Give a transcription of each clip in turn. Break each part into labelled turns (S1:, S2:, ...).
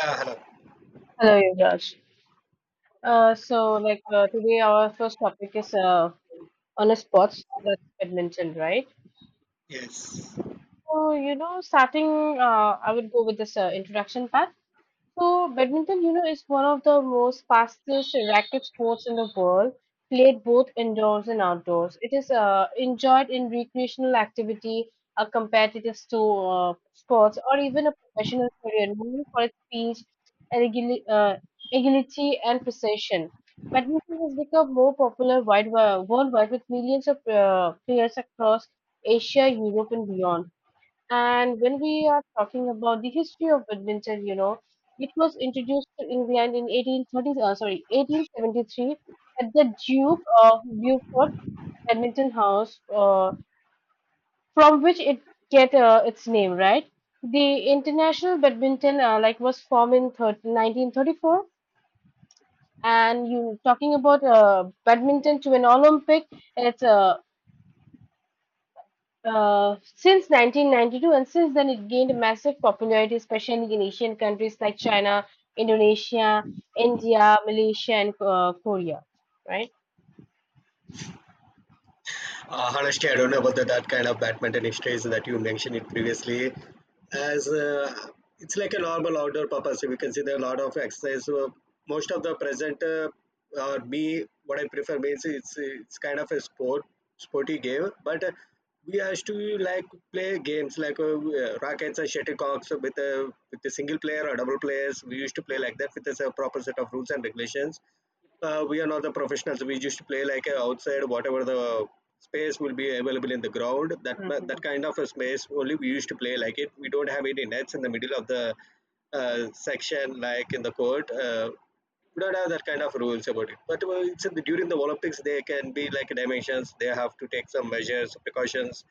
S1: Yeah, hello.
S2: Hello, Yuvraj. So, like today, our first topic is on a sports that's badminton, right?
S1: Yes.
S2: So, starting, I would go with this introduction part. So badminton, is one of the most fastest racket sports in the world, played both indoors and outdoors. It is enjoyed in recreational activity, a competitive sports, or even a professional career, known for its speed, agili- uh, agility, and precision. Badminton has become more popular worldwide with millions of players across Asia, Europe, and beyond. And when we are talking about the history of badminton, it was introduced to England in 1873 at the Duke of Beaufort Badminton House, from which it get its name, right? The international badminton like was formed in 1934, and you talking about badminton to an Olympic, it's since 1992, and since then it gained massive popularity, especially in Asian countries like China, Indonesia, India, Malaysia, and Korea, right?
S1: Honestly, I don't know about that kind of badminton exercise that you mentioned it previously. As It's like a normal outdoor purpose, we can see there are a lot of exercise. So most of the present or me, what I prefer means it's kind of a sport, sporty game. But we has to like play games like rackets and shuttlecocks with a single player or double players. We used to play like that with a proper set of rules and regulations. We are not the professionals. We just play like outside, whatever the space will be available in the ground. That kind of a space only we used to play like it. We don't have any nets in the middle of the section like in the court. We don't have that kind of rules about it. But it's in during the Olympics, they can be like dimensions. They have to take some measures, precautions.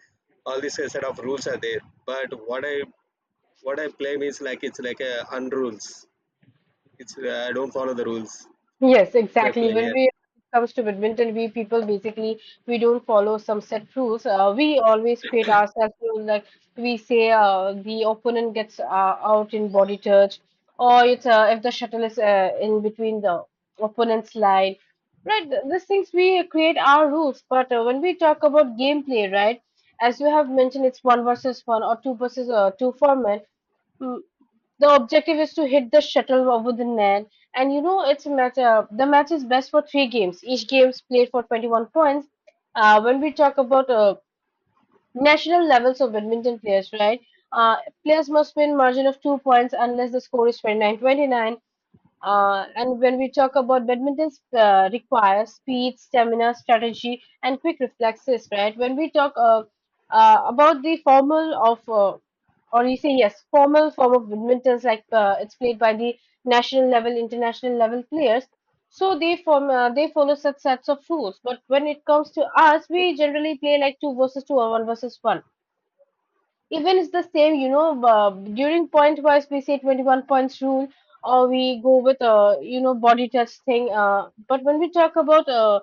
S1: All this set of rules are there. But what I play means like it's like a unrules. It's I don't follow the rules
S2: Yes,
S1: if I
S2: exactly.
S1: play
S2: When
S1: here.
S2: we when it comes to badminton, we people basically we don't follow some set rules. We always create ourselves rules like we say the opponent gets out in body touch, or it's if the shuttle is in between the opponent's line, right? These things we create our rules. But when we talk about gameplay, right? As you have mentioned, it's one versus one or two versus two format. Mm, the objective is to hit the shuttle over the net and it's a match. The match is best for three games. Each game's played for 21 points. When we talk about national levels of badminton players, right? Uh, Players must win margin of 2 points unless the score is 29-29. And when we talk about badminton, requires speed, stamina, strategy, and quick reflexes, right? When we talk about the formal of, or you say yes, formal form of badminton, like it's played by the national level, international level players. So they follow such sets of rules. But when it comes to us, we generally play like two versus two or one versus one even it's the same, during point wise, we say 21 points rule or we go with, body touch thing. But when we talk about uh,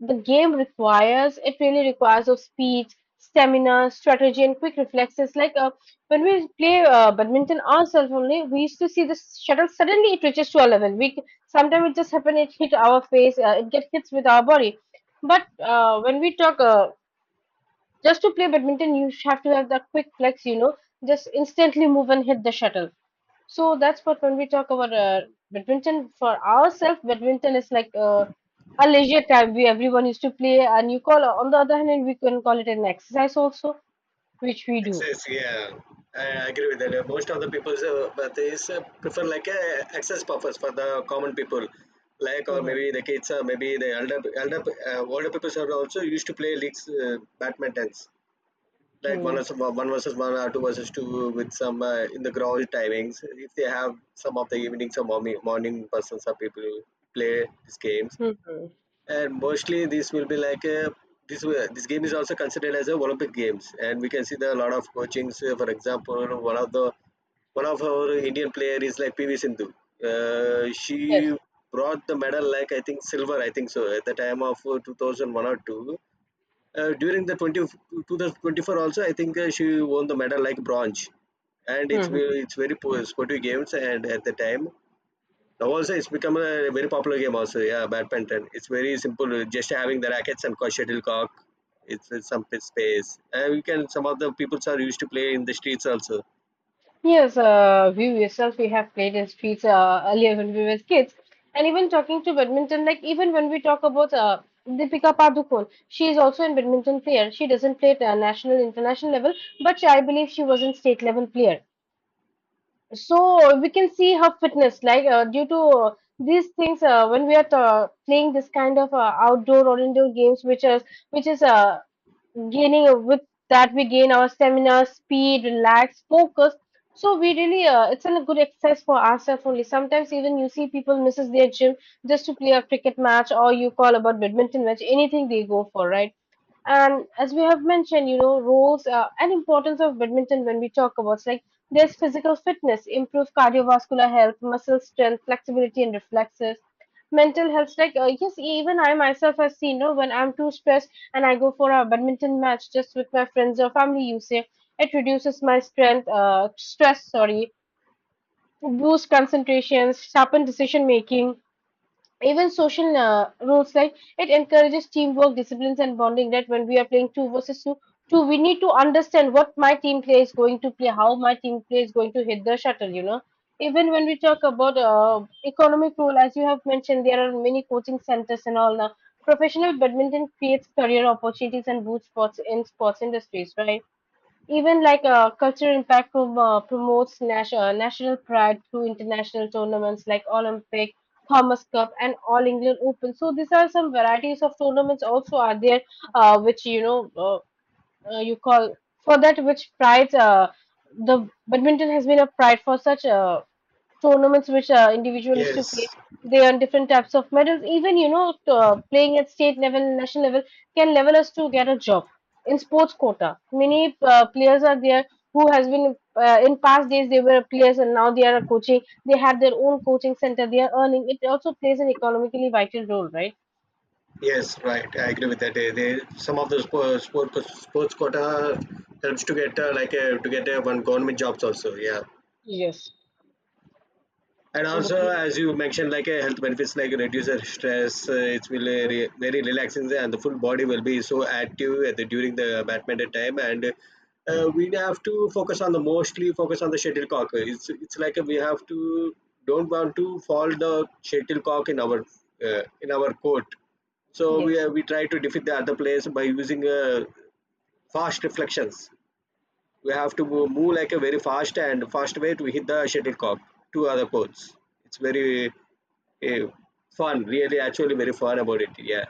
S2: the game requires, it really requires of speed, stamina, strategy, and quick reflexes. Like when we play badminton ourselves only, we used to see the shuttle suddenly it reaches to our level. We sometimes it just happen it hit our face, it gets hits with our body. But when we talk just to play badminton, you have to have that quick flex, just instantly move and hit the shuttle. So that's what when we talk about badminton for ourselves, badminton is like a leisure time we everyone used to play, and you call on the other hand, we can call it an exercise also, which we do.
S1: Access, yeah, I agree with that. Most of the people, but they prefer like a access purpose for the common people, like or
S2: Hmm.
S1: maybe the kids, or maybe the older people are also used to play leagues, badmintons, like
S2: Hmm.
S1: one versus one or two versus two with some in the ground timings. If they have some of the evenings or morning persons or people play these games,
S2: Hmm.
S1: and mostly this will be like a this game is also considered as a Olympic games, and we can see there are a lot of coachings. For example, one of our Indian player is like PV Sindhu. She
S2: Yes.
S1: brought the medal like I think silver, I think so at the time of 2001 or two. During 2024 also, I think she won the medal like bronze, and it's
S2: Hmm.
S1: ve- it's very sportive games and at the time. Now also it's become a very popular game also. Yeah, badminton. It's very simple. Just having the rackets and shuttlecock. It's some space. And you can some of the people are used to play in the streets also.
S2: Yes, you yourself, we have played in streets earlier when we were kids. And even talking to badminton, like even when we talk about Deepika Padukone, she is also a badminton player. She doesn't play at national, international level, but I believe she was in state level player, so we can see her fitness like due to these things when we are playing this kind of outdoor or indoor games, which is gaining with that, we gain our stamina, speed, relax, focus. So we really it's a good exercise for ourselves only. Sometimes even you see people misses their gym just to play a cricket match or you call about badminton match, anything they go for, right? And as we have mentioned, roles and importance of badminton, when we talk about it's like there's physical fitness, improve cardiovascular health, muscle strength, flexibility, and reflexes, mental health. Like yes, even I myself have seen, when I'm too stressed and I go for a badminton match just with my friends or family, you say it reduces my strength stress sorry boosts concentration, sharpen decision making. Even social rules like it encourages teamwork, disciplines, and bonding. That when we are playing two versus two, we need to understand what my team play is going to play, how my team play is going to hit the shuttle. Even when we talk about economic role, as you have mentioned, there are many coaching centers and all now. Professional badminton creates career opportunities and boosts sports in sports industries, right? Even like culture impact promotes national pride through international tournaments like Olympic, Thomas Cup, and All England Open. So these are some varieties of tournaments also are there, which you call for that which prides the badminton has been a pride for such tournaments which individual used to
S1: Yes,
S2: play. They earn different types of medals. Even playing at state level, national level can level us to get a job in sports quota. Many players are there who has been in past days they were players and now they are coaching. They have their own coaching center. They are earning. It also plays an economically vital role, right?
S1: yes, right. I agree with that. They some of the sports quota helps to get to get one government jobs also. Yeah.
S2: Yes.
S1: And also,
S2: Okay.
S1: as you mentioned, like a health benefits like reduces stress. It will very relaxing and the full body will be so active at during the badminton time. And we have to focus on the mostly focus on the shuttlecock. It's like we have to don't want to fall the shuttlecock in our court. So
S2: Yes.
S1: we try to defeat the other players by using fast reflections. We have to move, like a very fast and fast way to hit the shuttlecock to other courts. It's very uh, fun, really, actually, very fun about it. Yeah,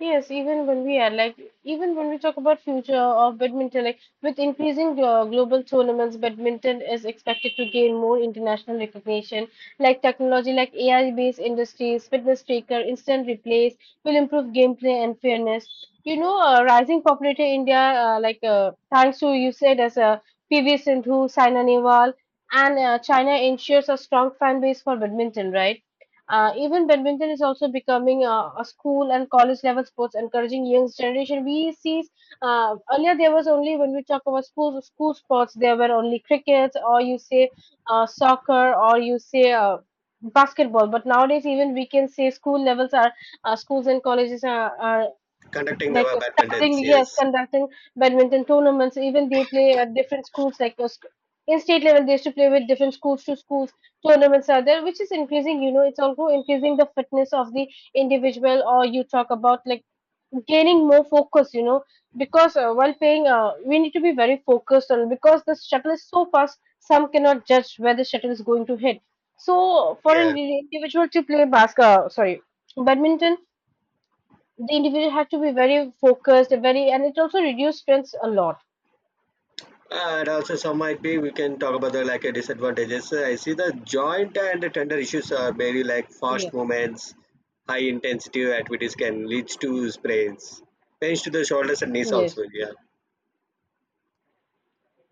S2: Yes, even when we talk about future of badminton, like with increasing global tournaments, badminton is expected to gain more international recognition. Like technology, like AI-based industries, fitness tracker, instant replays will improve gameplay and fairness. Rising popularity in India, like thanks to you said as PV Sindhu, Saina Nehwal, and China ensures a strong fan base for badminton, right? Even badminton is also becoming a school and college level sports, encouraging young generation. We see earlier there was only when we talk about school sports, there were only cricket or you say soccer or you say basketball. But nowadays, even we can say schools and colleges are
S1: conducting
S2: like
S1: the badminton.
S2: starting, yes,
S1: Yes,
S2: conducting badminton tournaments. Even they play at different schools like in state level they used to play with different schools to schools tournaments are there, which is increasing, it's also increasing the fitness of the individual, or you talk about like gaining more focus, because while playing we need to be very focused on, because the shuttle is so fast, some cannot judge where the shuttle is going to hit. So for an
S1: yeah.
S2: individual to play basketball sorry badminton, the individual had to be very focused, very, and it also reduced stress a lot.
S1: And also, some might be we can talk about the like disadvantages. I see the joint and tender issues are very like fast
S2: Yes,
S1: movements, high intensity activities can lead to sprains, pains to the shoulders and knees
S2: yes,
S1: also. Yeah,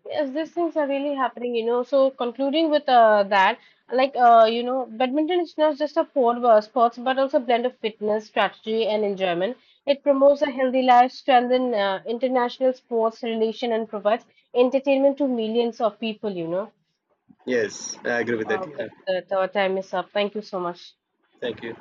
S2: yes. These things are really happening. So concluding with that, like badminton is not just a sport, but also a blend of fitness, strategy, and enjoyment. It promotes a healthy life, strengthens international sports relation, and provides entertainment to millions of people. You know.
S1: yes, I agree with that.
S2: Uh,
S1: Yeah,
S2: but the time is up. Thank you so much.
S1: thank you.